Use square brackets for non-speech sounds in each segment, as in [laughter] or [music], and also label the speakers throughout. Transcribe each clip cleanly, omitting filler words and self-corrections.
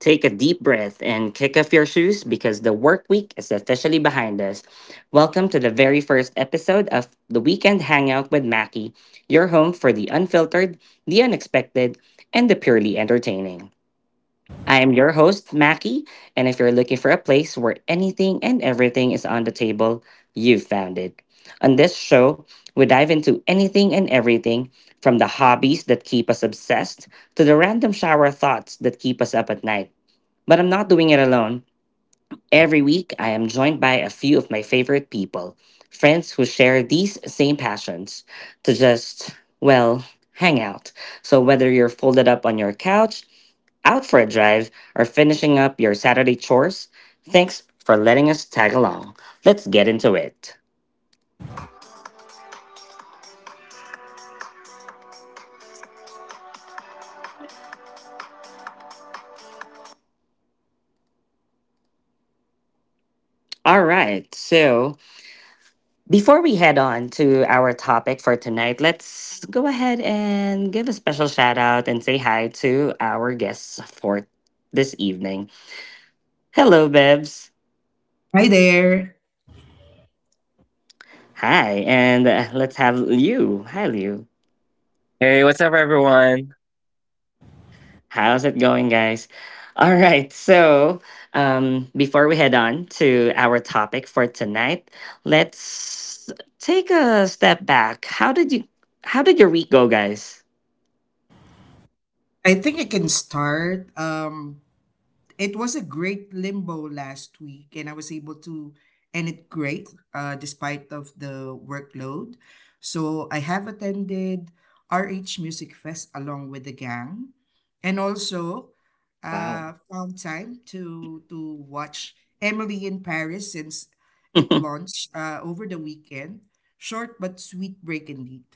Speaker 1: Take a deep breath and kick off your shoes because the work week is officially behind us. Welcome to the very first episode of the Weekend Hangout with Mackie, your home for the unfiltered, the unexpected, and the purely entertaining. I am your host, Mackie, and if you're looking for a place where anything and everything is on the table, you've found it. On this show, we dive into anything and everything from the hobbies that keep us obsessed to the random shower thoughts that keep us up at night. But I'm not doing it alone. Every week, I am joined by a few of my favorite people, friends who share these same passions, to just, well, hang out. So whether you're folded up on your couch, out for a drive, or finishing up your Saturday chores, thanks for letting us tag along. Let's get into it. All right, so. Before we head on to our topic for tonight, let's go ahead and give a special shout out and say hi to our guests for this evening. Hello, Bebs.
Speaker 2: Hi there.
Speaker 1: Hi, and let's have Liu. Hi, Liu.
Speaker 3: Hey, what's up, everyone?
Speaker 1: How's it going, guys? All right, so before we head on to our topic for tonight, let's take a step back. How did your week go, guys?
Speaker 2: I think I can start. It was a great limbo last week, and I was able to end it great, despite of the workload. So I have attended RH Music Fest along with the gang, and also
Speaker 1: Wow.
Speaker 2: found time to watch Emily in Paris since it
Speaker 1: [laughs]
Speaker 2: launched over the weekend. Short but sweet break indeed.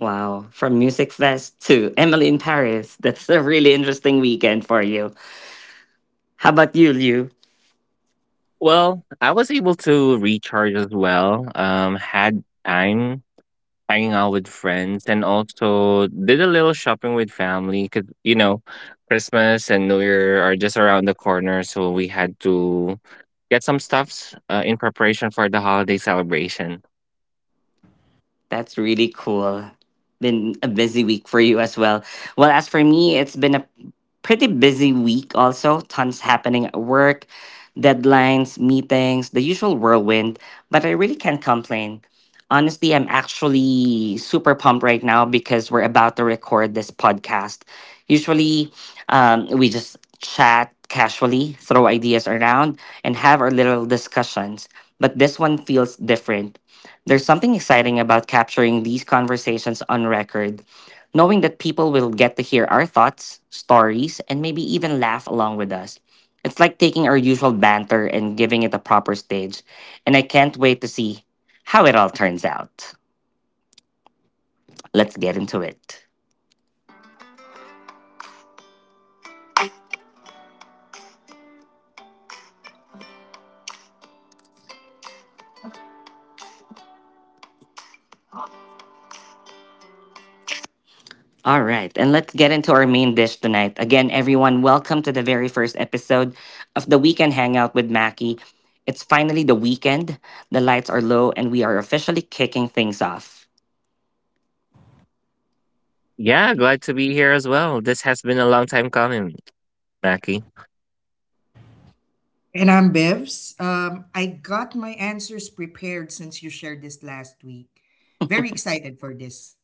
Speaker 1: Wow. From Music Fest to Emily in Paris. That's a really interesting weekend for you. How about you, Liu?
Speaker 3: Well, I was able to recharge as well. Had time hanging out with friends and also did a little shopping with family because, you know, Christmas and New Year are just around the corner. So we had to get some stuffs in preparation for the holiday celebration.
Speaker 1: That's really cool. Been a busy week for you as well. Well, as for me, it's been a pretty busy week also. Tons happening at work, deadlines, meetings, the usual whirlwind, but I really can't complain. Honestly, I'm actually super pumped right now because we're about to record this podcast. Usually, we just chat casually, throw ideas around, and have our little discussions. But this one feels different. There's something exciting about capturing these conversations on record, knowing that people will get to hear our thoughts, stories, and maybe even laugh along with us. It's like taking our usual banter and giving it a proper stage, and I can't wait to see how it all turns out. Let's get into it. All right, and let's get into our main dish tonight. Again, everyone, welcome to the very first episode of the Weekend Hangout with Mackie. It's finally the weekend, the lights are low, and we are officially kicking things off.
Speaker 3: Yeah, glad to be here as well. This has been a long time coming, Mackie.
Speaker 2: And I'm Bevs. I got my answers prepared since you shared this last week. Very excited for this.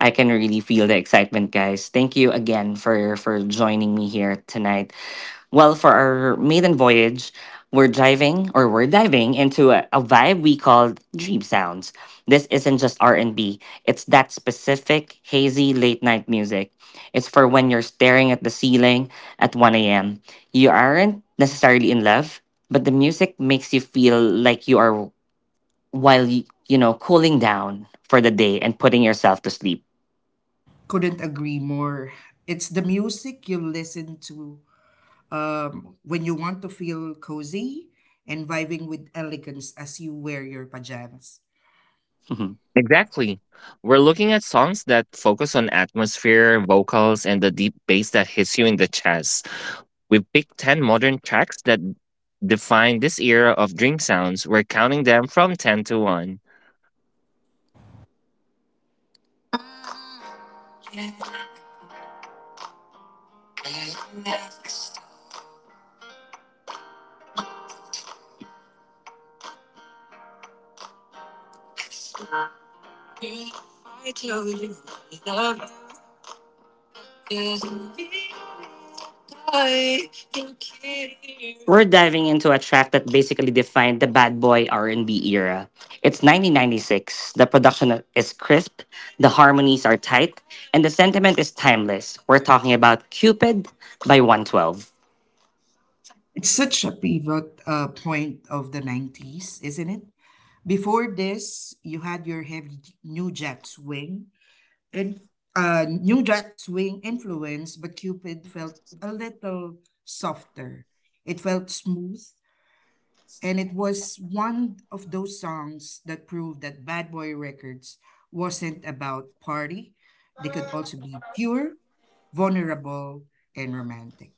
Speaker 1: I can really feel the excitement, guys. Thank you again for joining me here tonight. Well, for our maiden voyage, we're diving into a vibe we call dream sounds. This isn't just R&B. It's that specific hazy late night music. It's for when you're staring at the ceiling at 1 a.m. You aren't necessarily in love, but the music makes you feel like you are while cooling down for the day and putting yourself to sleep.
Speaker 2: Couldn't agree more. It's the music you listen to when you want to feel cozy and vibing with elegance as you wear your pajamas.
Speaker 1: [laughs]
Speaker 3: Exactly. We're looking at songs that focus on atmosphere, vocals, and the deep bass that hits you in the chest. We picked 10 modern tracks that define this era of dream sounds. We're counting them from 10 to 1.
Speaker 1: We're diving into a track that basically defined the bad boy R&B era. It's 1996. The production is crisp, the harmonies are tight, and the sentiment is timeless. We're talking about Cupid by 112.
Speaker 2: It's such a pivot point of the 90s, isn't it? Before this, you had your heavy New Jack Swing and New Jack Swing influence, but Cupid felt a little softer. It felt smooth. And it was one of those songs that proved that Bad Boy Records wasn't about party. They could also be pure, vulnerable, and romantic.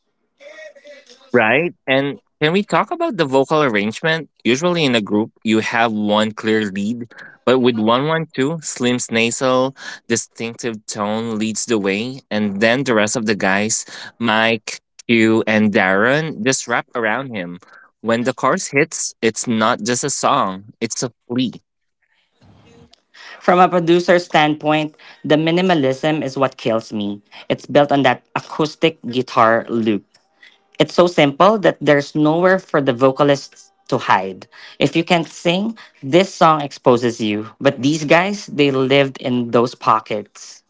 Speaker 3: Right? And can we talk about the vocal arrangement? Usually in a group, you have one clear lead, but with 112, Slim's nasal, distinctive tone leads the way, and then the rest of the guys, Mike, Q, and Darren, just wrap around him. When the chorus hits, it's not just a song, it's a plea.
Speaker 1: From a producer's standpoint, the minimalism is what kills me. It's built on that acoustic guitar loop. It's so simple that there's nowhere for the vocalists to hide. If you can't sing, this song exposes you. But these guys, they lived in those pockets.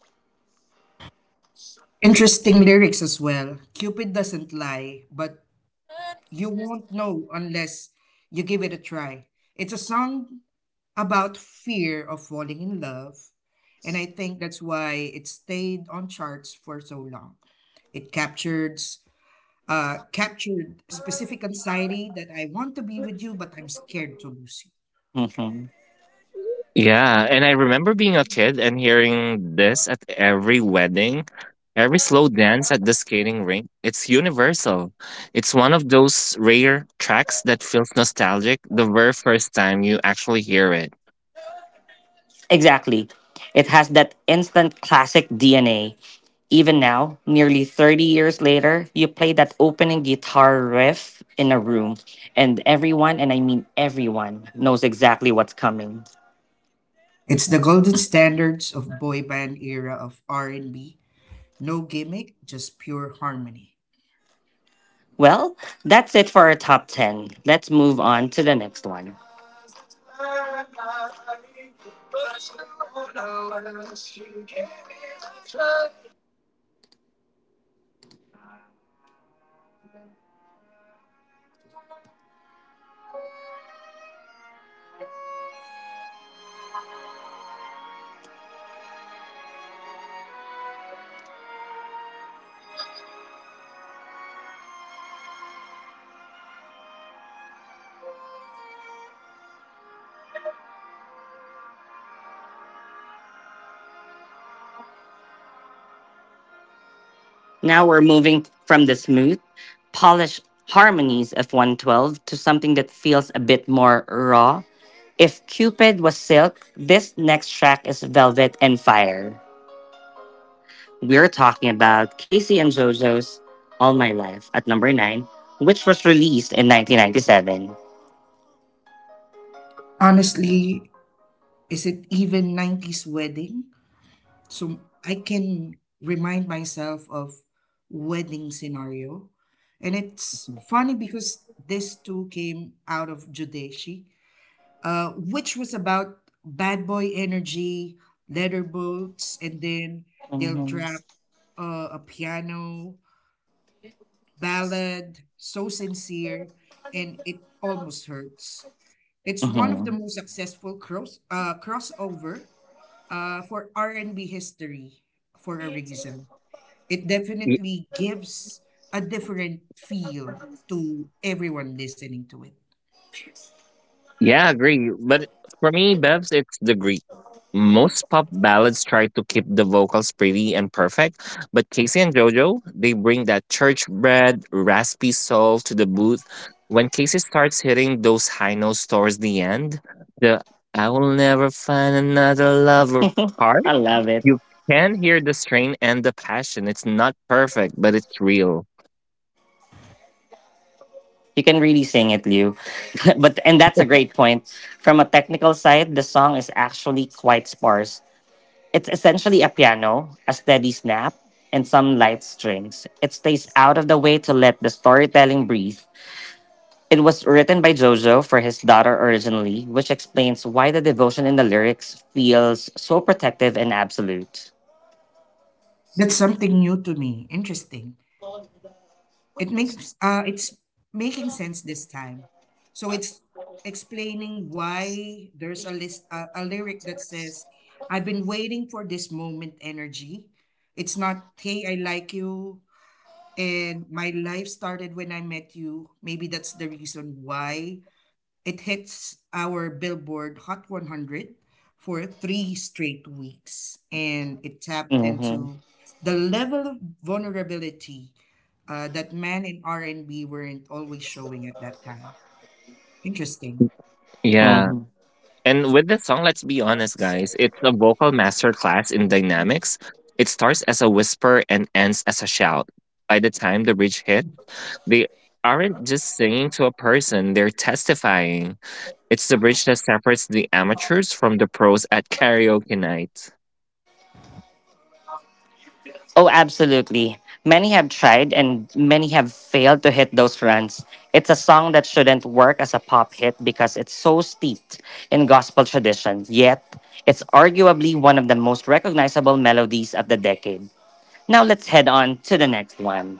Speaker 2: Interesting lyrics as well. Cupid doesn't lie, but you won't know unless you give it a try. It's a song about fear of falling in love. And I think that's why it stayed on charts for so long. It captured captured specific anxiety that I want to be with you, but I'm scared to lose you.
Speaker 1: Mhm.
Speaker 3: Yeah, and I remember being a kid and hearing this at every wedding, every slow dance at the skating rink. It's universal. It's one of those rare tracks that feels nostalgic the very first time you actually hear it.
Speaker 1: Exactly. It has that instant classic DNA. Even now, nearly 30 years later, you play that opening guitar riff in a room, and everyone, and I mean everyone, knows exactly what's coming.
Speaker 2: It's the golden standards of boy band era of R&B. No gimmick, just pure harmony.
Speaker 1: Well, that's it for our top 10. Let's move on to the next one. Now we're moving from the smooth, polished harmonies of 112 to something that feels a bit more raw. If Cupid was silk, this next track is velvet and fire. We're talking about Casey and JoJo's All My Life at number 9, which was released in 1997.
Speaker 2: Honestly, is it even 90s wedding? So I can remind myself of wedding scenario. And it's funny because this too came out of Judeshi, which was about bad boy energy, leather boots, and then they'll
Speaker 1: hmm
Speaker 2: drop a piano ballad, so sincere, and it almost hurts. It's one of the
Speaker 1: hmm
Speaker 2: most successful crossover for R and B history for a reason. It definitely gives a different feel to everyone listening to it.
Speaker 3: Yeah, I agree. But for me, Bevs, it's the Greek. Most pop ballads try to keep the vocals pretty and perfect, but Casey and JoJo, they bring that church bred, raspy soul to the booth. When Casey starts hitting those high notes towards the end, the "I will never find another lover"
Speaker 1: [laughs]
Speaker 3: part,
Speaker 1: I love it.
Speaker 3: you can hear the strain and the passion. It's not perfect, but it's real.
Speaker 1: You can really sing it, Liu. [laughs] but And that's a great point. From a technical side, the song is actually quite sparse. It's essentially a piano, a steady snap, and some light strings. It stays out of the way to let the storytelling breathe. It was written by Jojo for his daughter originally, which explains why the devotion in the lyrics feels so protective and absolute.
Speaker 2: That's something new to me. Interesting. It makes it's making sense this time. So it's explaining why there's a lyric that says, "I've been waiting for this moment energy." It's not, "Hey, I like you." And my life started when I met you. Maybe that's the reason why it hits our Billboard Hot 100 for three straight weeks, and it tapped
Speaker 1: Mm-hmm.
Speaker 2: into the level of vulnerability that men in R&B weren't always showing at that time. Interesting.
Speaker 3: Yeah.
Speaker 1: Mm-hmm.
Speaker 3: And with the song, let's be honest, guys, it's a vocal masterclass in dynamics. It starts as a whisper and ends as a shout. By the time the bridge hits, they aren't just singing to a person, they're testifying. It's the bridge that separates the amateurs from the pros at karaoke night.
Speaker 1: Oh, absolutely. Many have tried and many have failed to hit those runs. It's a song that shouldn't work as a pop hit because it's so steeped in gospel tradition, yet, it's arguably one of the most recognizable melodies of the decade. Now, let's head on to the next one.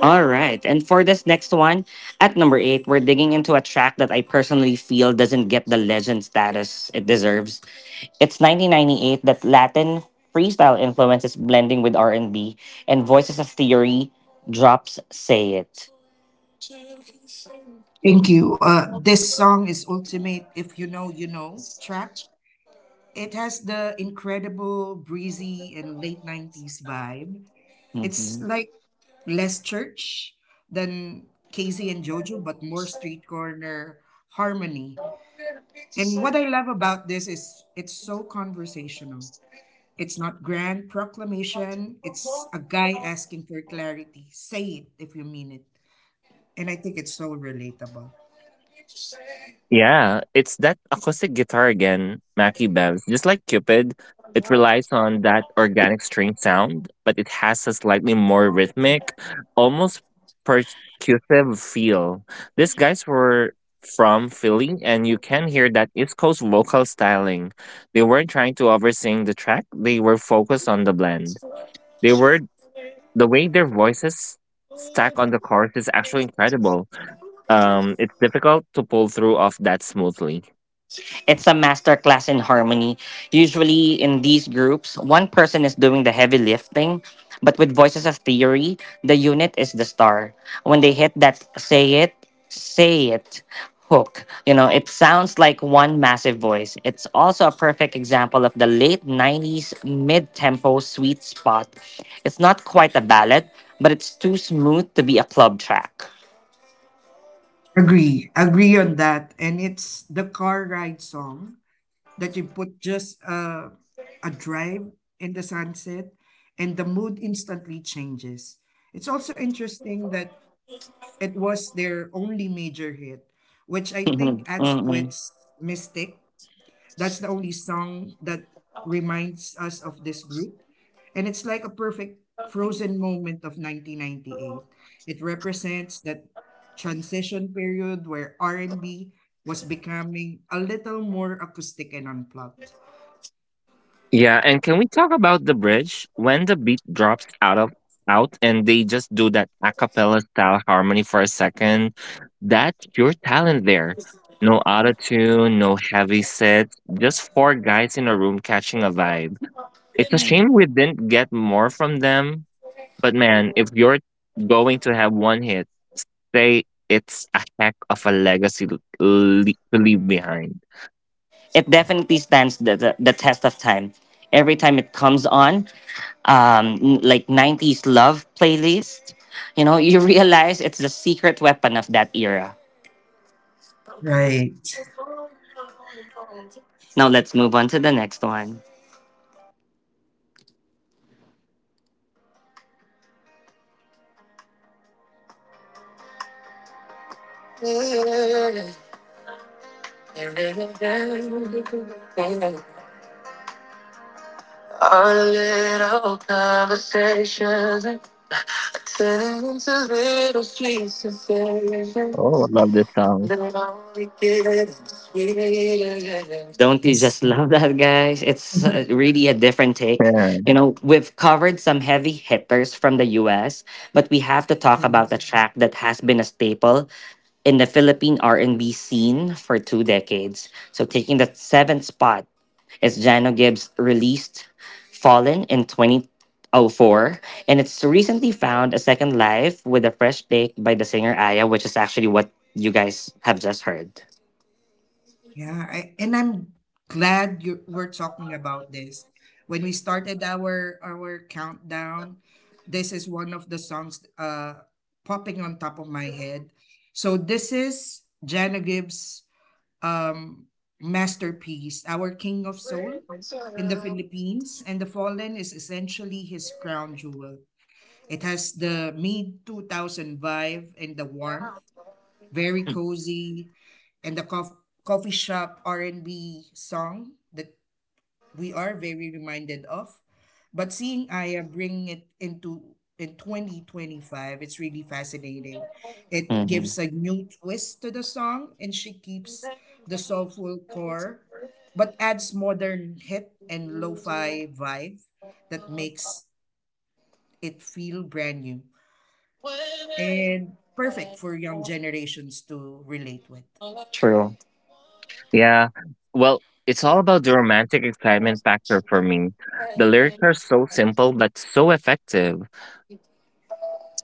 Speaker 1: All right. And for this next one, at number eight, we're digging into a track that I personally feel doesn't get the legend status it deserves. It's 1998 that Latin freestyle influences blending with R&B and Voices of Theory drops Say It.
Speaker 2: Thank you. This song is ultimate. If you know, you know. Track. It has the incredible breezy and late '90s vibe. It's
Speaker 1: Mm-hmm.
Speaker 2: like less church than Casey and Jojo, but more street corner harmony. And what I love about this is it's so conversational. It's not grand proclamation. It's a guy asking for clarity. Say it if you mean it. And I think it's so relatable.
Speaker 3: Yeah, it's that acoustic guitar again, Mackie Bev's. Just like Cupid, it relies on that organic string sound, but it has a slightly more rhythmic, almost percussive feel. These guys were from Philly, and you can hear that East Coast vocal styling. They weren't trying to oversing the track, they were focused on the blend. They were the way their voices stack on the chorus is actually incredible. It's difficult to pull through off that smoothly.
Speaker 1: It's a masterclass in harmony. Usually in these groups, one person is doing the heavy lifting, but with Voices of Theory, the unit is the star. When they hit that say it hook, you know, it sounds like one massive voice. It's also a perfect example of the late 90s mid tempo sweet spot. It's not quite a ballad, but it's too smooth to be a club track.
Speaker 2: Agree. Agree on that. And it's the car ride song that you put just a drive in the sunset and the mood instantly changes. It's also interesting that it was their only major hit, which I think adds to
Speaker 1: [laughs]
Speaker 2: its mystic. That's the only song that reminds us of this group. And it's like a perfect frozen moment of 1998. It represents that transition period where R&B was becoming a little more acoustic and unplugged.
Speaker 3: Yeah, and can we talk about the bridge when the beat drops out and they just do that a cappella style harmony for a second? That's your talent there. No autotune, no heavy sets, just four guys in a room catching a vibe. It's a
Speaker 1: Mm-mm.
Speaker 3: shame we didn't get more from them, but man, if you're going to have one hit, say it's a heck of a legacy to leave behind.
Speaker 1: It definitely stands the test of time. Every time it comes on, like 90s love playlist, you know, [laughs] you realize it's the secret weapon of that era.
Speaker 2: Right.
Speaker 1: Now let's move on to the next one.
Speaker 3: Oh, I love this song.
Speaker 1: Don't you
Speaker 2: Yes.
Speaker 1: just [laughs] love that, guys? It's really a different take.
Speaker 3: Yeah.
Speaker 1: You know, we've covered some heavy hitters from the US, but we have to talk
Speaker 2: Mhm.
Speaker 1: about a track that has been a staple in the Philippine R&B scene for two decades. So taking the seventh spot is Jano Gibbs released Fallen in 2004, and it's recently found a second life with a fresh take by the singer Aya, which is actually what you guys have just heard.
Speaker 2: Yeah. And I'm glad you we're talking about this. When we started our countdown, this is one of the songs popping on top of my head. So this is Jana Gibbs' um masterpiece, our King of Soul in the Philippines, and The Fallen is essentially his crown jewel. It has the mid 2000 vibe and the warmth, very cozy, and the coffee shop R&B song that we are very reminded of. But seeing Aya bring it into in 2025, it's really fascinating. It
Speaker 1: Mhm.
Speaker 2: gives a new twist to the song, and she keeps the soulful core, but adds modern hit and lo-fi vibe that makes it feel brand new and perfect for young generations to relate with.
Speaker 1: True.
Speaker 3: Yeah. Well, it's all about the romantic excitement factor for me. The lyrics are so simple but so effective.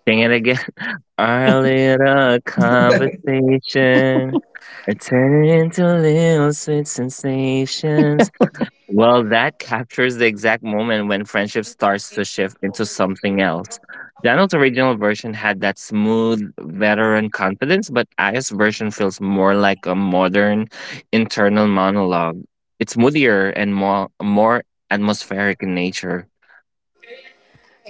Speaker 3: Sing it again. [laughs] "Our little conversation. It turned into little sweet sensations." Well, that captures the exact moment when friendship starts to shift into something else. Daniel's original version had that smooth veteran confidence, but Aya's version feels more like a modern internal monologue. It's moodier and more atmospheric in nature.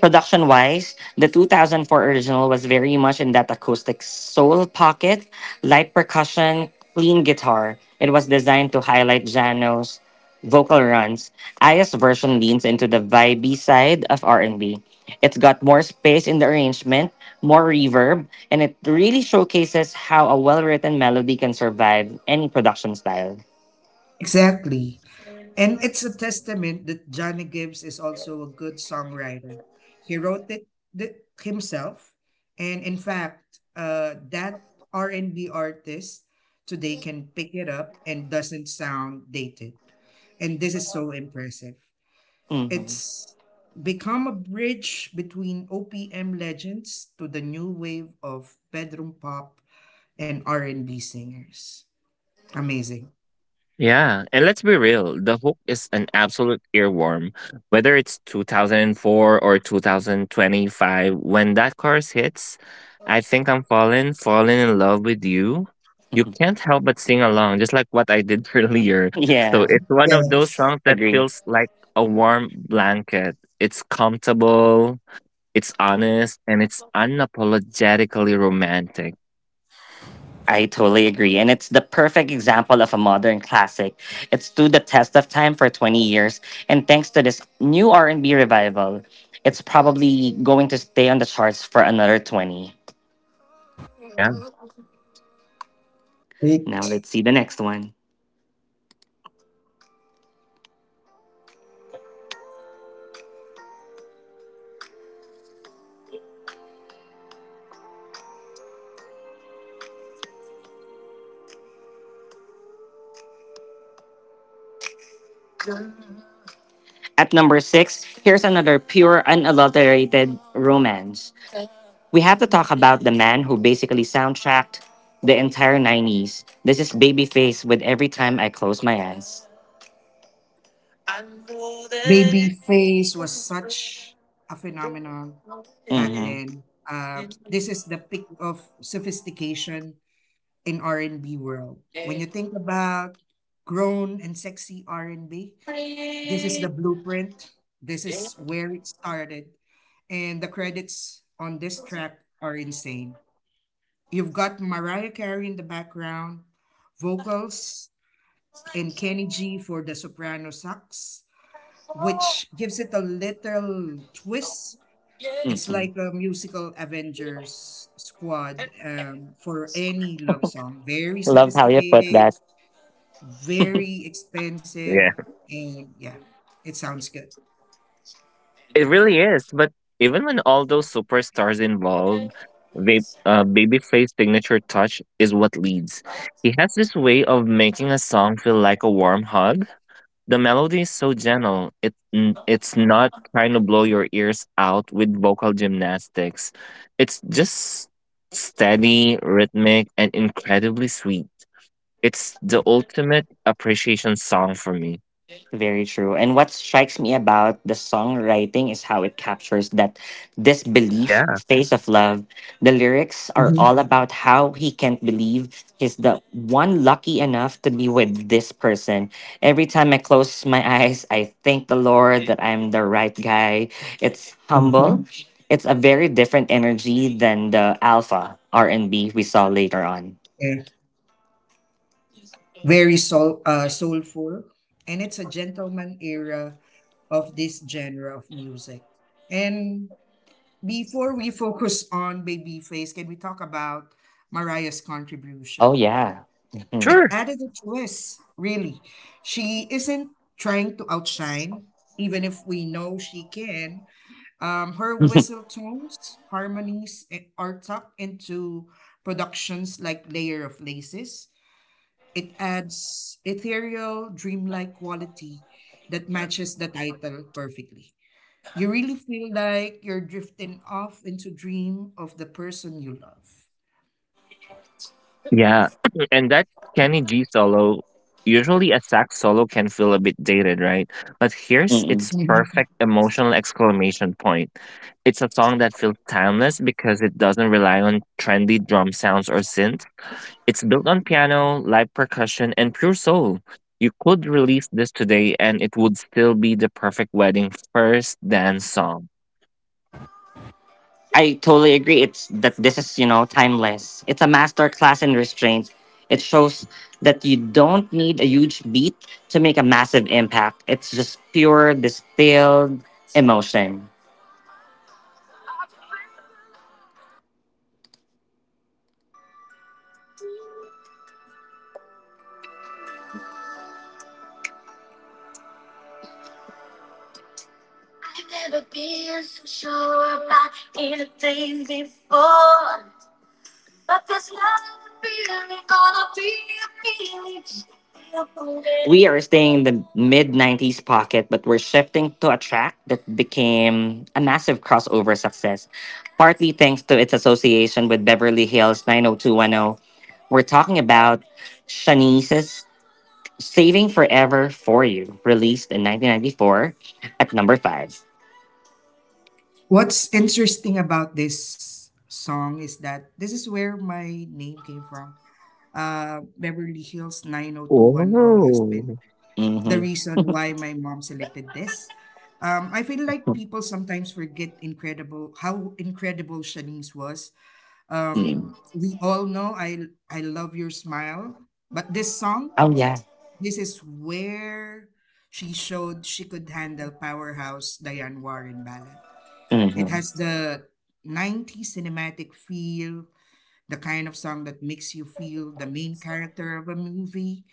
Speaker 1: Production wise, the 2004 original was very much in that acoustic soul pocket, light percussion, clean guitar. It was designed to highlight Jano's vocal runs. Aya's version leans into the vibey side of R&B. It's got more space in the arrangement, more reverb, and it really showcases how a well-written melody can survive any production style.
Speaker 2: Exactly. And it's a testament that Johnny Gibbs is also a good songwriter. He wrote it himself. And in fact, that R&B artist today can pick it up and doesn't sound dated. And this is so impressive.
Speaker 1: Mhm.
Speaker 2: It's become a bridge between OPM legends to the new wave of bedroom pop and R&B singers. Amazing.
Speaker 3: Yeah, and let's be real, the hook is an absolute earworm. Whether it's 2004 or 2025, when that chorus hits, "I think I'm falling, falling in love with you." You
Speaker 1: [laughs]
Speaker 3: can't help but sing along, just like what I did [laughs] earlier. So
Speaker 1: Yeah,
Speaker 3: it's one
Speaker 2: Yeah.
Speaker 3: of those songs that
Speaker 1: agree.
Speaker 3: feels like a warm blanket. It's comfortable, it's honest, and it's unapologetically romantic.
Speaker 1: I totally agree. And it's the perfect example of a modern classic. It stood the test of time for 20 years. And thanks to this new R&B revival, it's probably going to stay on the charts for another 20.
Speaker 3: Yeah.
Speaker 1: Now let's see the next one. At number six, here's another pure, unadulterated romance. We have to talk about the man who basically soundtracked the entire 90s. This is Babyface with Every Time I Close My Eyes.
Speaker 2: Babyface was such a phenomenon back
Speaker 1: Mhm.
Speaker 2: then. This is the peak of sophistication in R&B world. When you think about grown and sexy R&B, this is the blueprint. This is where it started. And the credits on this track are insane. You've got Mariah Carey in the background, vocals, and Kenny G for the soprano sax which gives it a little twist. It's
Speaker 1: Mm-mm.
Speaker 2: like a musical Avengers squad for any love song. Very
Speaker 1: Love how you put that.
Speaker 2: sophisticated, very expensive,
Speaker 3: Yeah.
Speaker 2: and yeah, it sounds good.
Speaker 3: It really is. But even when all those superstars involved, they, Babyface's signature touch is what leads. He has this way of making a song feel like a warm hug. The melody is so gentle. It it's not trying to blow your ears out with vocal gymnastics. It's just steady, rhythmic, and incredibly sweet. It's the ultimate appreciation song for me.
Speaker 1: Very true. And what strikes me about the songwriting is how it captures that disbelief
Speaker 3: Yeah.
Speaker 1: phase of love. The lyrics are
Speaker 2: Hmm.
Speaker 1: all about how he can't believe he's the one lucky enough to be with this person. Every time I close my eyes, I thank the Lord that I'm the right guy. It's humble.
Speaker 2: Okay.
Speaker 1: It's a very different energy than the alpha R&B we saw later on.
Speaker 2: Yeah. Very soulful, and it's a gentleman era of this genre of music. And before we focus on Babyface, can we talk about Mariah's
Speaker 1: Oh
Speaker 2: contribution?
Speaker 1: yeah.
Speaker 3: Yeah,
Speaker 1: [laughs]
Speaker 2: It
Speaker 3: sure.
Speaker 2: added a twist, really. She isn't trying to outshine, even if we know she can. Her whistle tones, harmonies, are tucked into productions like Layer of Laces. It adds ethereal, dreamlike quality that matches the title perfectly. You really feel like you're drifting off into dream of the person you love.
Speaker 3: Yeah, [clears throat] and that Kenny G solo, usually a sax solo can feel a bit dated, right? But here's
Speaker 1: Mhm.
Speaker 3: its perfect emotional exclamation point. It's a song that feels timeless because it doesn't rely on trendy drum sounds or synth. It's built on piano, live percussion, and pure soul. You could release this today and it would still be the perfect wedding first dance song.
Speaker 1: I totally agree. It's that this is, you know, timeless. It's a master class in restraint. It shows that you don't need a huge beat to make a massive impact. It's just pure distilled emotion. We are staying in the mid 90s pocket, but we're shifting to a track that became a massive crossover success, partly thanks to its association with Beverly Hills 90210. We're talking about Shanice's Saving Forever for You, released in 1994 at number 5.
Speaker 2: What's interesting about this song is that this is where my name came from. Beverly Hills 90210 has been
Speaker 3: Oh.
Speaker 2: the
Speaker 1: Hmm
Speaker 2: reason why my mom selected this. I feel like people sometimes forget incredible how incredible Shanice was. We all know I love your smile, but this song,
Speaker 1: Oh, yeah.
Speaker 2: this is where she showed she could handle powerhouse Diane Warren ballad.
Speaker 1: hmm
Speaker 2: It has the 90s cinematic feel, the kind of song that makes you feel the main character of a movie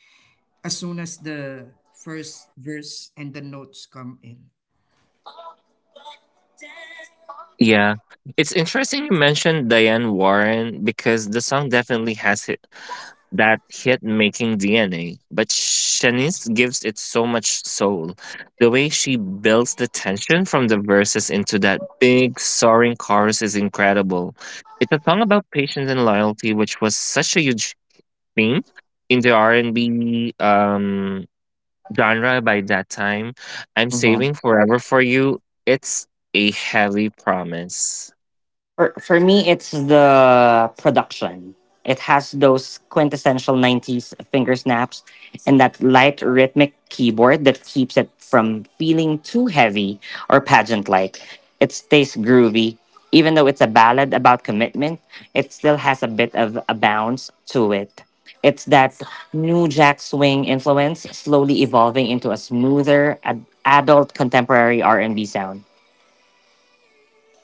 Speaker 2: as soon as the first verse and the notes come in.
Speaker 3: Yeah. It's interesting you mentioned Diane Warren because the song definitely has hit, that hit making DNA, but Shanice gives it so much soul. The way she builds the tension from the verses into that big soaring chorus is incredible. It's a song about patience and loyalty, which was such a huge theme in the R&B genre by that time. "I'm saving forever for you." It's a heavy promise.
Speaker 1: For me, it's the production. It has those quintessential '90s finger snaps and that light rhythmic keyboard that keeps it from feeling too heavy or pageant-like. It stays groovy, even though it's a ballad about commitment. It still has a bit of a bounce to it. It's that new jack swing influence slowly evolving into a smoother, adult contemporary R&B sound.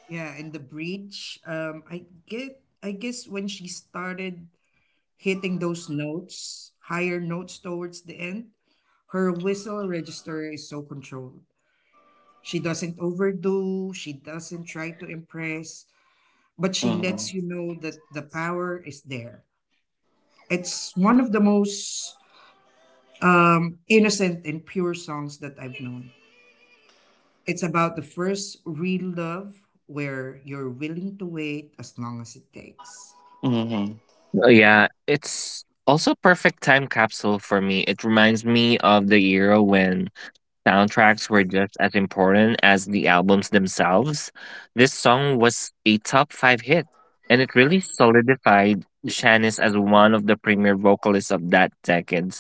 Speaker 2: Yeah, and the bridge, I guess when she started hitting those notes, higher notes towards the end, her whistle register is so controlled. She doesn't overdo, she doesn't try to impress, but she lets you
Speaker 1: Mm-hmm.
Speaker 2: know that the power is there. It's one of the most innocent and pure songs that I've known. It's about the first real love where you're willing to wait as long as it takes.
Speaker 1: Mm-hmm.
Speaker 3: Oh, yeah, it's also perfect time capsule for me. It reminds me of the era when soundtracks were just as important as the albums themselves. This song was a top 5 hit, and it really solidified Shannis as one of the premier vocalists of that decade.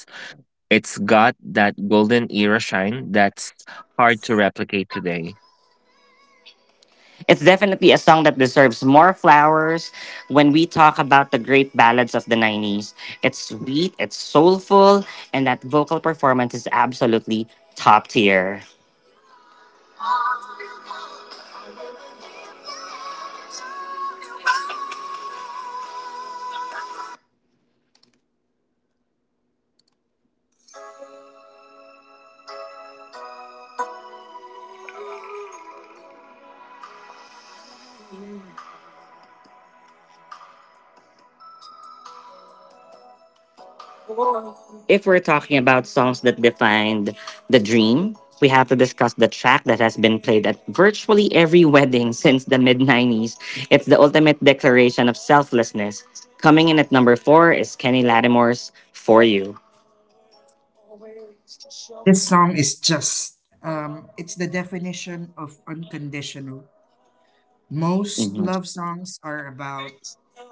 Speaker 3: It's got that golden era shine that's hard to replicate today.
Speaker 1: It's definitely a song that deserves more flowers when we talk about the great ballads of the 90s. It's sweet, it's soulful, and that vocal performance is absolutely top tier. If we're talking about songs that defined the dream, we have to discuss the track that has been played at virtually every wedding [laughs] since the mid 90s. It's the ultimate declaration of selflessness. Coming in at number four is Kenny Lattimore's For You.
Speaker 2: This song is just, it's the definition of unconditional. Most
Speaker 1: Mhm.
Speaker 2: love songs are about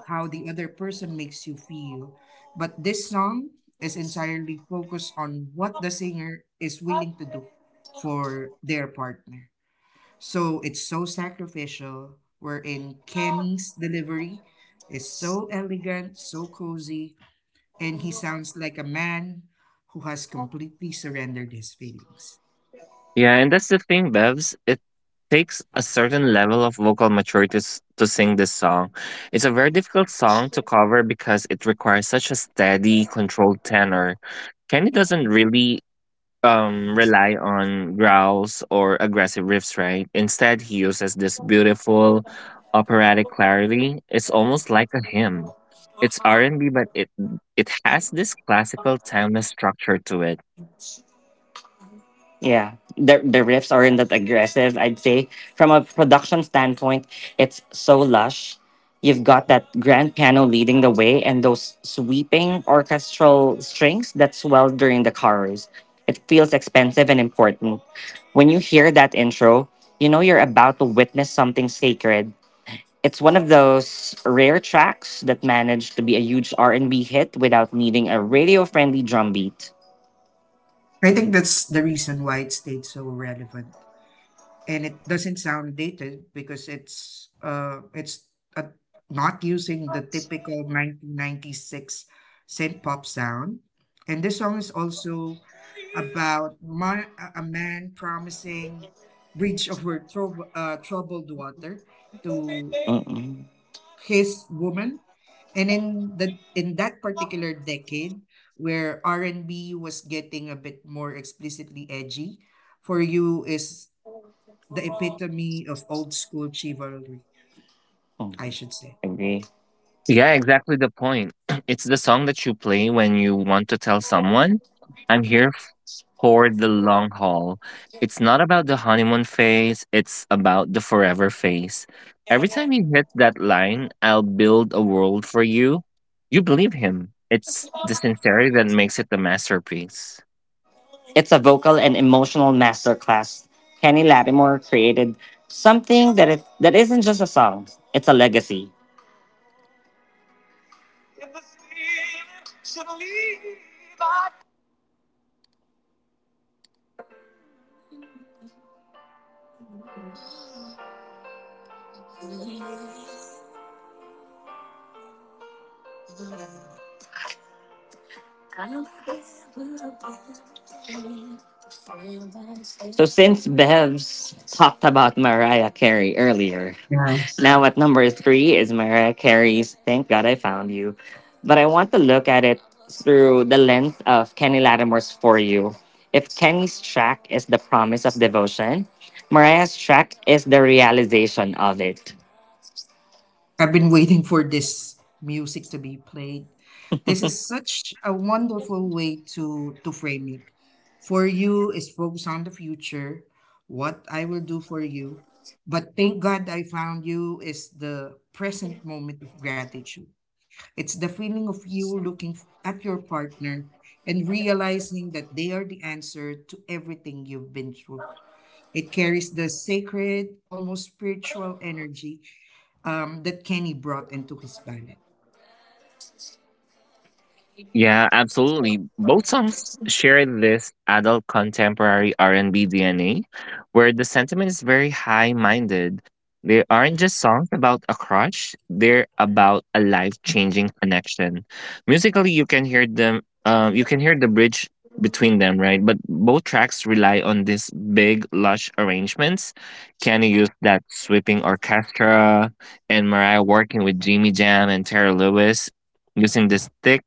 Speaker 2: how the other person makes you feel, but this song is entirely focused on what the singer is willing to do for their partner. So it's so sacrificial, wherein Kenny's delivery is so elegant, so cozy, and he sounds like a man who has completely surrendered his feelings.
Speaker 3: Yeah, and that's the thing, Bevs. It takes a certain level of vocal maturity to sing this song. It's a very difficult song to cover because it requires such a steady, controlled tenor. Kenny doesn't really rely on growls or aggressive riffs, right? Instead, he uses this beautiful operatic clarity. It's almost like a hymn. It's R&B, but it has this classical timeless structure to it.
Speaker 1: Yeah, the riffs aren't that aggressive. I'd say from a production standpoint, it's so lush. You've got that grand piano leading the way, and those sweeping orchestral strings that swell during the chorus. It feels expensive and important. When you hear that intro, you know you're about to witness something sacred. It's one of those rare tracks that managed to be a huge R and B hit without needing a radio-friendly drum beat.
Speaker 2: I think that's the reason why it stayed so relevant and it doesn't sound dated because it's uh, not using the typical 1996 synth pop sound, and this song is also about a man promising bridge over troubled water to
Speaker 1: Mm-mm.
Speaker 2: his woman, and in the in that particular decade where R&B was getting a bit more explicitly edgy, for you is the epitome of old school chivalry, I
Speaker 1: Mm.
Speaker 2: should say.
Speaker 1: Agree.
Speaker 3: Yeah, exactly the point. [clears throat] It's the song that you play when you want to tell someone, "I'm here for the long haul." It's not about the honeymoon phase, it's about the forever phase. Every time you hit that line, "I'll build a world for you," you believe him. It's the sincerity that makes it the masterpiece.
Speaker 1: It's a vocal and emotional masterclass. Kenny Lattimore created something that isn't just a song; it's a legacy. So since Bev's talked about Mariah Carey earlier,
Speaker 2: Yeah.
Speaker 1: now at number three is Mariah Carey's "Thank God I Found You," but I want to look at it through the lens of Kenny Lattimore's "For You." If Kenny's track is the promise of devotion, Mariah's track is the realization of it.
Speaker 2: I've been waiting for this music to be played. This is such a wonderful way to frame it. For you is focus on the future, what I will do for you. But thank God I found you is the present moment of gratitude. It's the feeling of you looking at your partner and realizing that they are the answer to everything you've been through. It carries the sacred, almost spiritual energy that Kenny brought into his ballad.
Speaker 3: Yeah, absolutely. Both songs share this adult contemporary R&B DNA where the sentiment is very high-minded. They aren't just songs about a crush, they're about a life-changing connection. Musically, you can hear them, you can hear the bridge between them, right? But both tracks rely on these big lush arrangements. Kenny used that sweeping orchestra and Mariah working with Jimmy Jam and Terry Lewis using this thick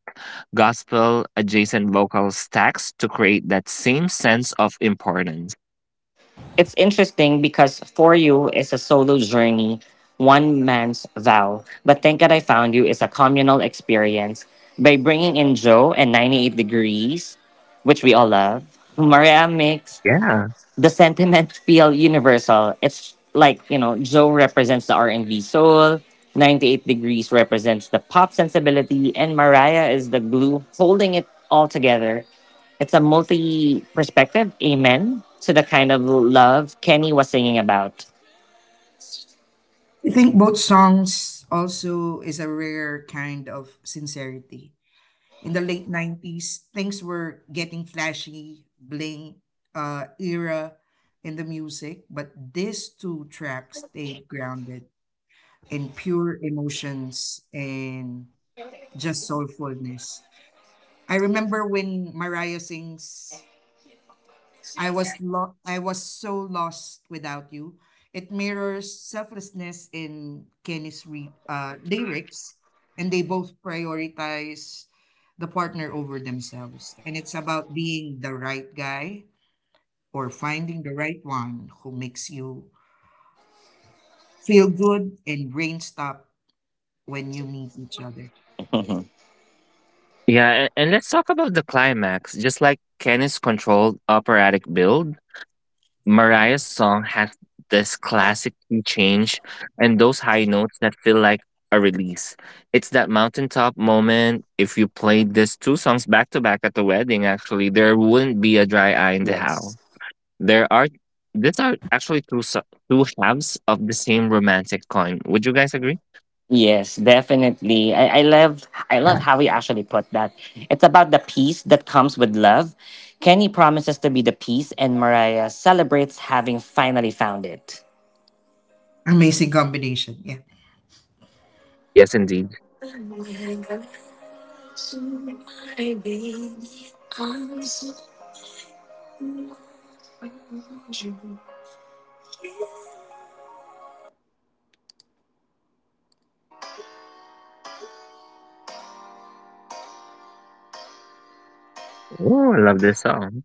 Speaker 3: gospel adjacent vocal stacks to create that same sense of importance.
Speaker 1: It's interesting because For You is a solo journey, one man's vow. But Thank God I Found You is a communal experience by bringing in Joe and 98 Degrees, which we all love, Mariah Mix,
Speaker 3: Yeah.
Speaker 1: the sentiment feel universal. It's like, you know, Joe represents the R&B soul, 98 Degrees represents the pop sensibility, and Mariah is the glue holding it all together. It's a multi-perspective amen to the kind of love Kenny was singing about.
Speaker 2: I think both songs also is a rare kind of sincerity. In the late 90s, things were getting flashy, bling era in the music, but these two tracks stayed grounded in pure emotions and just soulfulness. I remember when Mariah sings I was so lost without you. It mirrors selflessness in Kenny's lyrics, and they both prioritize the partner over themselves. And it's about being the right guy or finding the right one who makes you feel good and rain stop when you meet each other.
Speaker 1: [laughs]
Speaker 3: Yeah, and let's talk about the climax. Just like Kenny's controlled operatic build, Mariah's song has this classic key change and those high notes that feel like a release. It's that mountaintop moment. If you played these two songs back to back at the wedding, actually, there wouldn't be a dry eye in the house.
Speaker 1: Yes.
Speaker 3: There are These are actually two two halves of the same romantic coin. Would you guys agree?
Speaker 1: Yes, definitely. I love
Speaker 2: Yeah.
Speaker 1: how he actually put that. It's about the peace that comes with love. Kenny promises to be the peace and Mariah celebrates having finally found it.
Speaker 2: Amazing combination. Yeah.
Speaker 3: Yes, indeed. Oh, I love this song.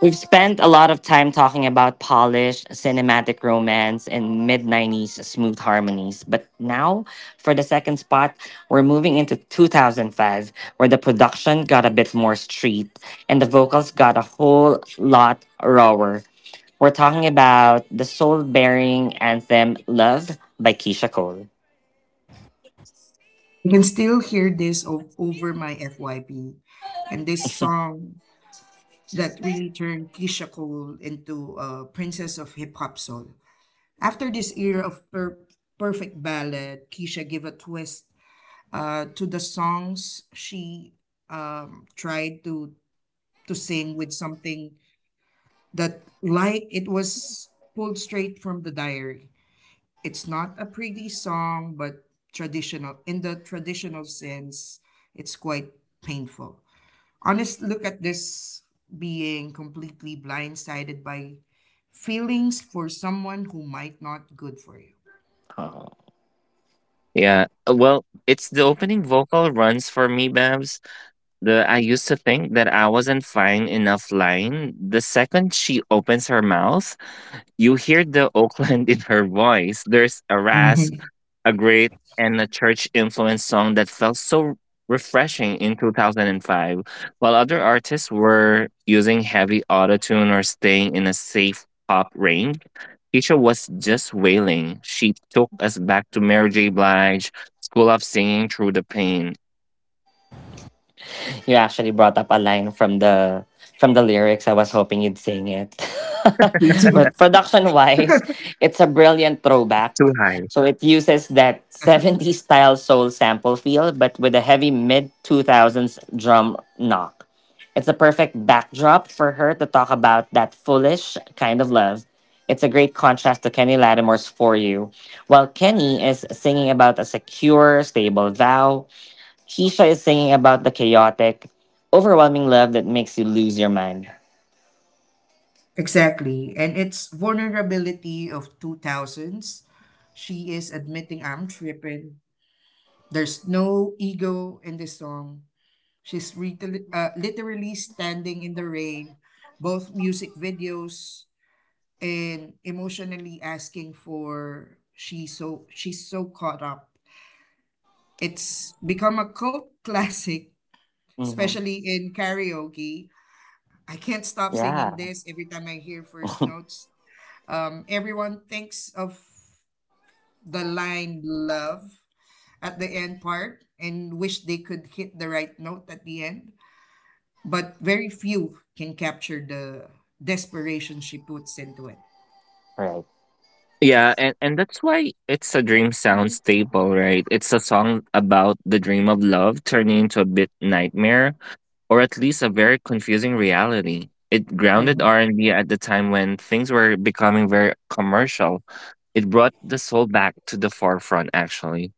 Speaker 1: We've spent a lot of time talking about polished cinematic romance and mid 90s smooth harmonies, but now for the second spot, we're moving into 2005, where the production got a bit more street and the vocals got a whole lot rawer. We're talking about the soul bearing anthem Love by Keisha Cole.
Speaker 2: You can still hear this over my FYP. And this song that really turned Keisha Cole into a princess of hip hop soul. After this era of perfect ballad, Keisha gave a twist to the songs she tried to sing with something that like it was pulled straight from the diary. It's not a pretty song, but traditional in the traditional sense, it's quite painful honest look at this being completely blindsided by feelings for someone who might not good for you.
Speaker 3: Yeah. Well, it's the opening vocal runs for me, Babs. The "I used to think that I wasn't fine enough" line. The second she opens her mouth, you hear the [laughs] Oakland in her voice. There's a rasp,
Speaker 2: Mhm.
Speaker 3: a great and a church influenced song that felt so refreshing in 2005, while other artists were using heavy autotune or staying in a safe pop range. Keisha was just wailing. She took us back to Mary J. Blige, School of Singing Through the Pain.
Speaker 1: You actually brought up a line from the lyrics. I was hoping you'd sing it. [laughs]
Speaker 2: [laughs] Me too.
Speaker 1: But production wise, it's a brilliant throwback.
Speaker 3: Too high.
Speaker 1: So it uses that 70s style soul sample feel, but with a heavy mid 2000s drum knock. It's a perfect backdrop for her to talk about that foolish kind of love. It's a great contrast to Kenny Lattimore's For You, while Kenny is singing about a secure, stable vow, Keisha is singing about the chaotic, overwhelming love that makes you lose your mind.
Speaker 2: Exactly. And it's vulnerability of 2000s. She is admitting I'm tripping. There's no ego in this song. Literally standing in the rain, both music videos, and emotionally asking for she's so caught up. It's become a cult [laughs] classic,
Speaker 1: Hmm.
Speaker 2: especially in karaoke. I can't stop singing
Speaker 1: Yeah.
Speaker 2: this every time I hear first
Speaker 1: [laughs]
Speaker 2: notes. Everyone thinks of the line love at the end part and wish they could hit the right note at the end, but very few can capture the desperation she puts into it.
Speaker 1: Right.
Speaker 3: Yeah, and that's why it's a dream sound staple, right? It's a song about the dream of love turning into a bit nightmare or at least a very confusing reality. It grounded
Speaker 2: Mhm.
Speaker 3: R&B at the time when things were becoming very commercial. It brought the soul back to the forefront actually.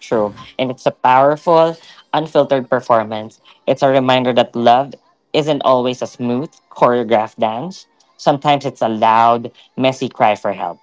Speaker 1: True. And it's a powerful, unfiltered performance. It's a reminder that love isn't always a smooth, choreographed dance. Sometimes it's a loud, messy cry for help.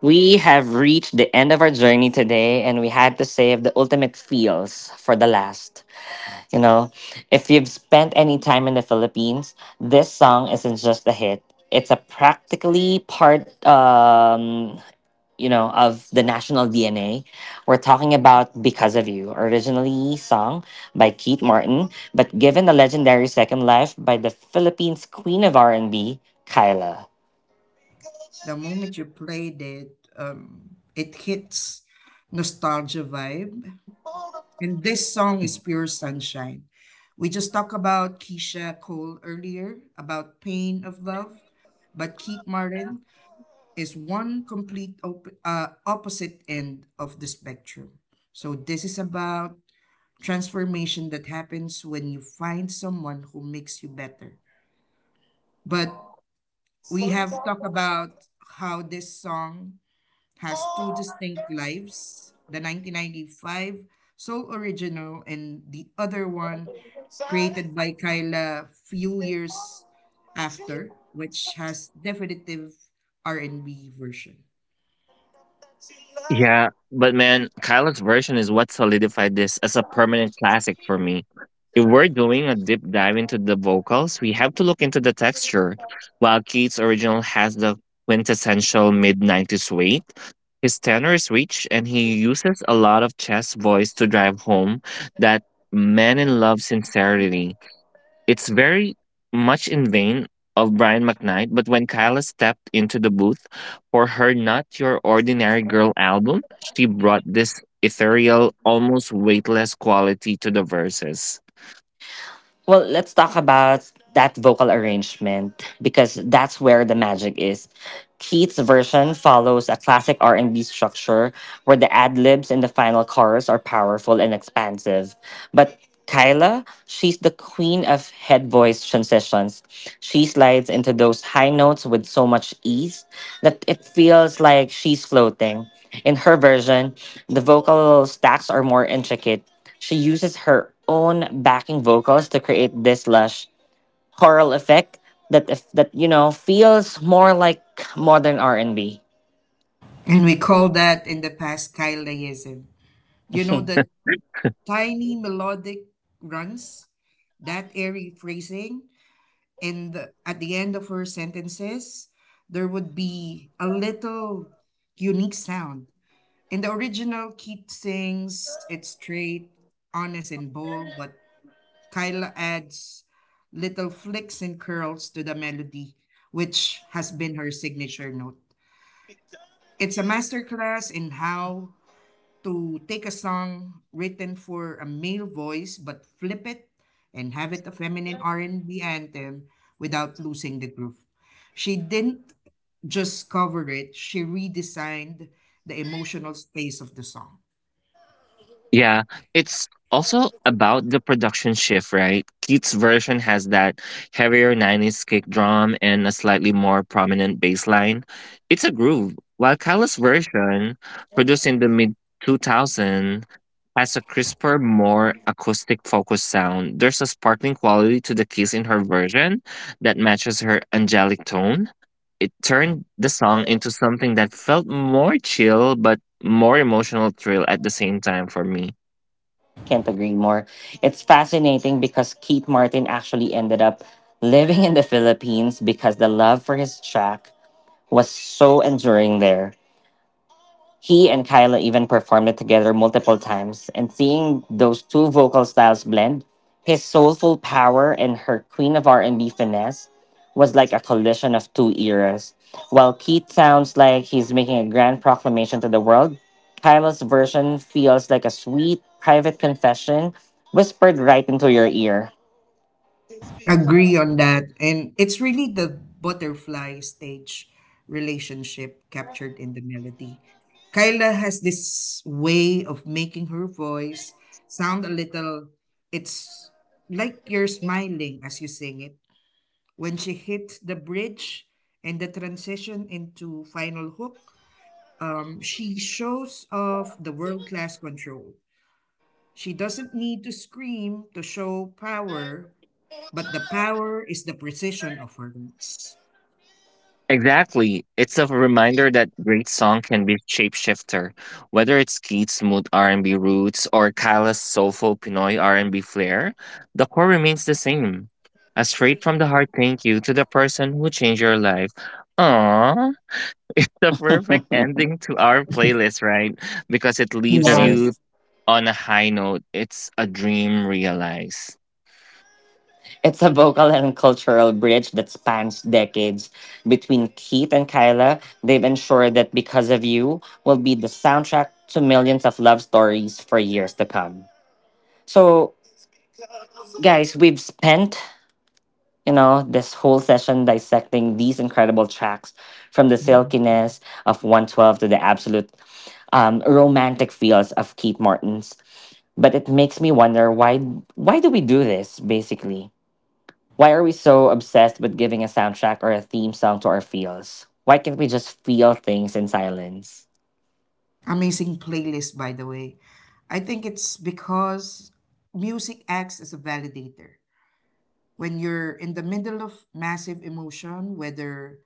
Speaker 1: We have reached the end of our journey today, and we had to save the ultimate feels for the last. You know, if you've spent any time in the Philippines, this song isn't just a hit. It's a practically part, you know, of the national DNA. We're talking
Speaker 2: Mhm.
Speaker 1: about Because of You, originally sung by Keith Martin, but given a legendary second life by the Philippines queen of R&B, Kyla.
Speaker 2: The moment you played it, it hits nostalgia vibe. And this song is pure sunshine. We just talked about Keisha Cole earlier about pain of love, but Keith Martin is one complete opposite end of the spectrum. So this is about transformation that happens when you find someone who makes you better. But we have talked about how this song has two distinct lives, the 1995 Soul Original and the other one created by Kyla few years after, which has definitive R&B version.
Speaker 3: Yeah, but man, Kylo's version is what solidified this as a permanent classic for me. If we're doing a deep dive into the vocals, we have to look into the texture. While Keith's original has the quintessential mid 90s weight, his tenor is rich and he uses a lot of chest voice to drive home that man in love sincerity. It's very much in vain of Brian McKnight, but when Kyla stepped into the booth for her Not Your Ordinary Girl album, she brought this ethereal, almost weightless quality to the verses.
Speaker 1: Well, let's talk about that vocal arrangement because that's where the magic is. Keith's version follows a classic R&B structure where the ad-libs in the final chorus are powerful and expansive. But Kyla, she's the queen of head voice transitions. She slides into those high notes with so much ease that it feels like she's floating. In her version, the vocal stacks are more intricate, she uses her own backing vocals to create this lush choral effect that if that you know feels more like modern R and B.
Speaker 2: And we call that in the past Kylaism. You know
Speaker 1: [laughs]
Speaker 2: the tiny melodic runs, that airy phrasing, and at the end of her sentences, there would be a little unique sound. In the original, Keith sings, it's straight, honest, and bold, but Kyla adds little flicks and curls to the melody, which has been her signature note. It's a masterclass in how to take a song written for a male voice but flip it and have it a feminine R&B anthem without losing the groove. She didn't just cover it, she redesigned the emotional space of the song.
Speaker 3: Yeah, it's also about the production shift, right? Keith's version has that heavier 90s kick drum and a slightly more prominent bass line. It's a groove, while Kyla's version, produced in the mid 2000s, has a crisper, more acoustic focused sound. There's a sparkling quality to the keys in her version that matches her angelic tone. It turned the song into something that felt more chill but more emotional thrill at the same time for me.
Speaker 1: Can't agree more. It's fascinating because Keith Martin actually ended up living in the Philippines because the love for his track was so enduring there. He and Kyla even performed it together multiple times, and seeing those two vocal styles blend, his soulful power and her queen of R&B finesse, was like a collision of two eras. While Keith sounds like he's making a grand proclamation to the world, Kyla's version feels like a sweet private confession whispered right into your ear.
Speaker 2: Agree on that. And it's really the butterfly stage relationship captured in the melody. Kyla has this way of making her voice sound a little, it's like you're smiling as you sing it. When she hits the bridge and the transition into final hook, she shows off the world class control. She doesn't need to scream to show power but the power is the precision of her roots.
Speaker 3: Exactly. It's a reminder that great song can be shapeshifter, whether it's Keith's smooth R&B roots or Kyla's soulful Pinoy R&B flair, the core remains the same. A straight from the heart thank you to the person who changed your life. Aww, the
Speaker 1: [laughs]
Speaker 3: perfect
Speaker 1: It
Speaker 3: ending to our playlist, right? Because it leaves
Speaker 2: Yeah.
Speaker 3: you
Speaker 1: is.
Speaker 3: on a high note. It's a dream realized.
Speaker 1: It's a vocal and cultural bridge that spans decades. Between Keith and Kyla, they've ensured that Because of You will be the soundtrack to millions of love stories for years to come. So, guys, we've spent, you know, this whole session dissecting these incredible tracks from the
Speaker 2: Mm.
Speaker 1: silkiness of 112 to the absolute romantic feels of Keith Martin's. But it makes me wonder why do we do this basically? Why are we so obsessed with giving a soundtrack or a theme song to our feels? Why can't we just feel things in silence?
Speaker 2: Amazing playlist, by the way. I think it's because music acts as a validator. When you're in the middle of massive emotion, whether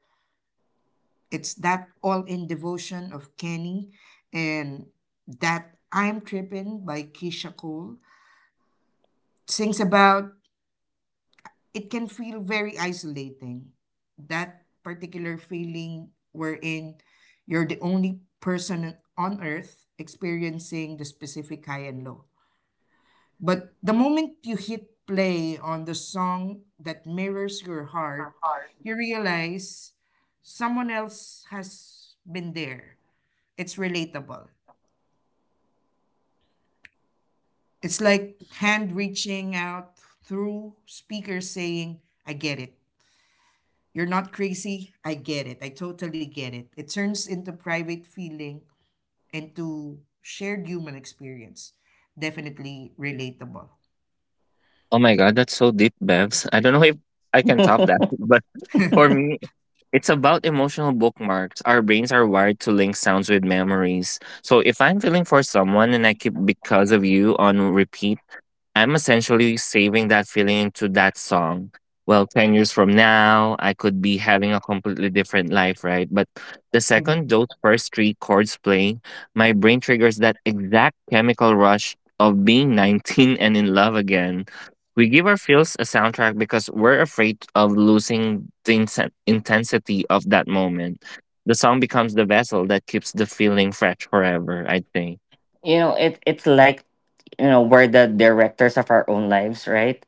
Speaker 2: it's that all in devotion of Kenny and that I'm Trippin' by Keisha Cole, sings about, it can feel very isolating. That particular feeling wherein you're the only person on earth experiencing the specific high and low. But the moment you hit play on the song that mirrors your heart, you realize someone else has been there. It's relatable. It's like hand reaching out through speakers saying, I get it. You're not crazy. I get it. I totally get it. It turns into private feeling and to shared human experience. Definitely relatable.
Speaker 3: Oh my god, that's so deep, Bevs. I don't know if
Speaker 1: [laughs]
Speaker 3: I can
Speaker 1: You
Speaker 3: top that, [laughs] but
Speaker 2: [laughs]
Speaker 3: for me, it's about emotional bookmarks. Our brains are wired to link sounds with memories. So if I'm feeling for someone and I keep "Because of You" on repeat, I'm essentially saving that feeling into that song. Well, 10 years from now, I could be having a completely different life, right? But the
Speaker 2: Hmm.
Speaker 3: second those first three chords play, my brain triggers that exact chemical rush of being [laughs] 19 and in love again. We give our feels a soundtrack because we're afraid of losing the intensity of that moment. The song becomes the vessel that keeps the feeling fresh forever, I think.
Speaker 1: know, it's like you know, we're the directors of our own lives, right?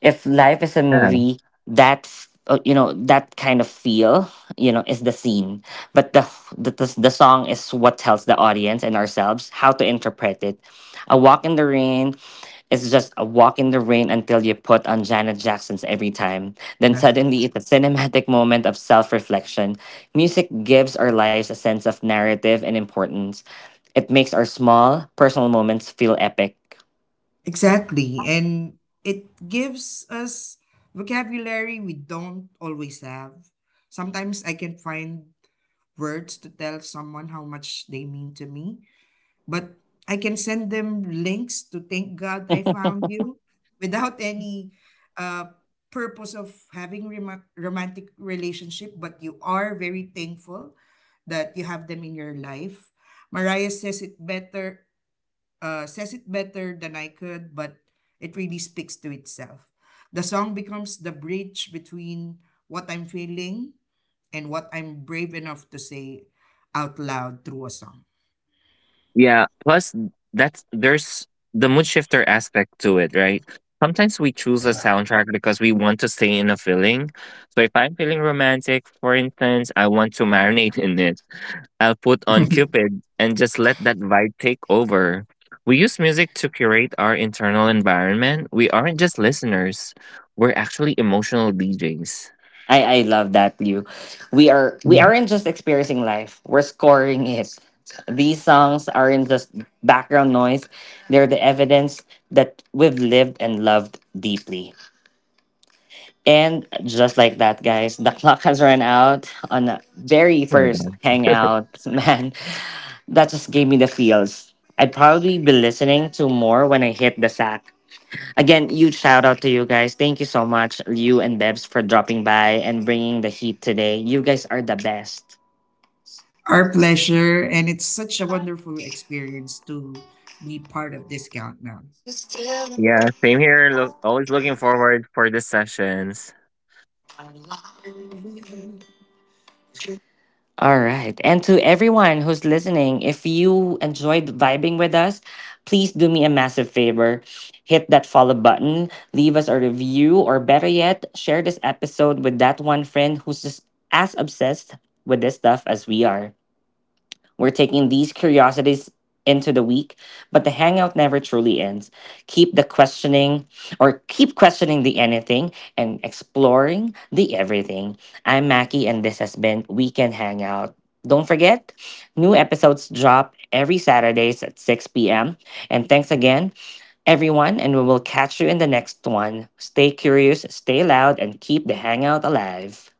Speaker 1: If life is a
Speaker 3: Yeah.
Speaker 1: movie that's you know that kind of feel you know is the scene but the song is what tells the audience and ourselves how to interpret it. A walk in the rain is just a walk in the rain until you put on Janet Jackson's every time. Then
Speaker 2: Yeah.
Speaker 1: suddenly it's a cinematic moment of self reflection. Music gives our lives a sense of narrative and importance. It makes our small, personal moments feel epic.
Speaker 2: Exactly. And it gives us vocabulary we don't always have. Sometimes I can find words to tell someone how much they mean to me, but I can send them links to thank God I found you without any uh, purpose of having romantic relationship, but you are very thankful that you have them in your life. Mariah says it better than I could, but it really speaks to itself. The song becomes the bridge between what I'm feeling and what I'm brave enough to say out loud through a song.
Speaker 3: Yeah. Plus, that's there's the mood shifter aspect to it, right? Sometimes we choose a soundtrack because we want to stay in a feeling. So if I'm feeling romantic, for instance, I want to marinate in it. I'll put on Cupid and just let that vibe take over. We use music to curate our internal environment. We aren't just listeners. We're actually emotional DJs.
Speaker 1: I love that, Liu. We
Speaker 2: [laughs]
Speaker 1: aren't just experiencing life. We're scoring it. These songs aren't just background noise. They're the evidence that we've lived and loved deeply. And just like that, guys, the clock has run out on the very
Speaker 3: Oh my
Speaker 1: first
Speaker 3: god.
Speaker 1: hangout. [laughs] Man, that just gave me the feels. I'd probably be listening to more when I hit the sack. Again, huge shout out to you guys. Thank you so much, Liu and Debs, for dropping by and bringing the heat today. You guys are the best.
Speaker 2: Our pleasure, and it's such a wonderful experience to be part of this countdown.
Speaker 3: Yeah, same here. Look, always looking forward for the sessions.
Speaker 1: All right. And to everyone who's listening, if you enjoyed vibing with us, please do me a massive favor. Hit that follow button, leave us a review, or better yet, share this episode with that one friend who's just as obsessed with this stuff as we are. We're taking these curiosities into the week, but the hangout never truly ends. Keep the questioning or keep questioning the anything and exploring the everything. I'm Mackie, and this has been Weekend Hangout. Don't forget, new episodes drop every Saturdays at 6 p.m. And thanks again, everyone, and we will catch you in the next one. Stay curious, stay loud, and keep the hangout alive.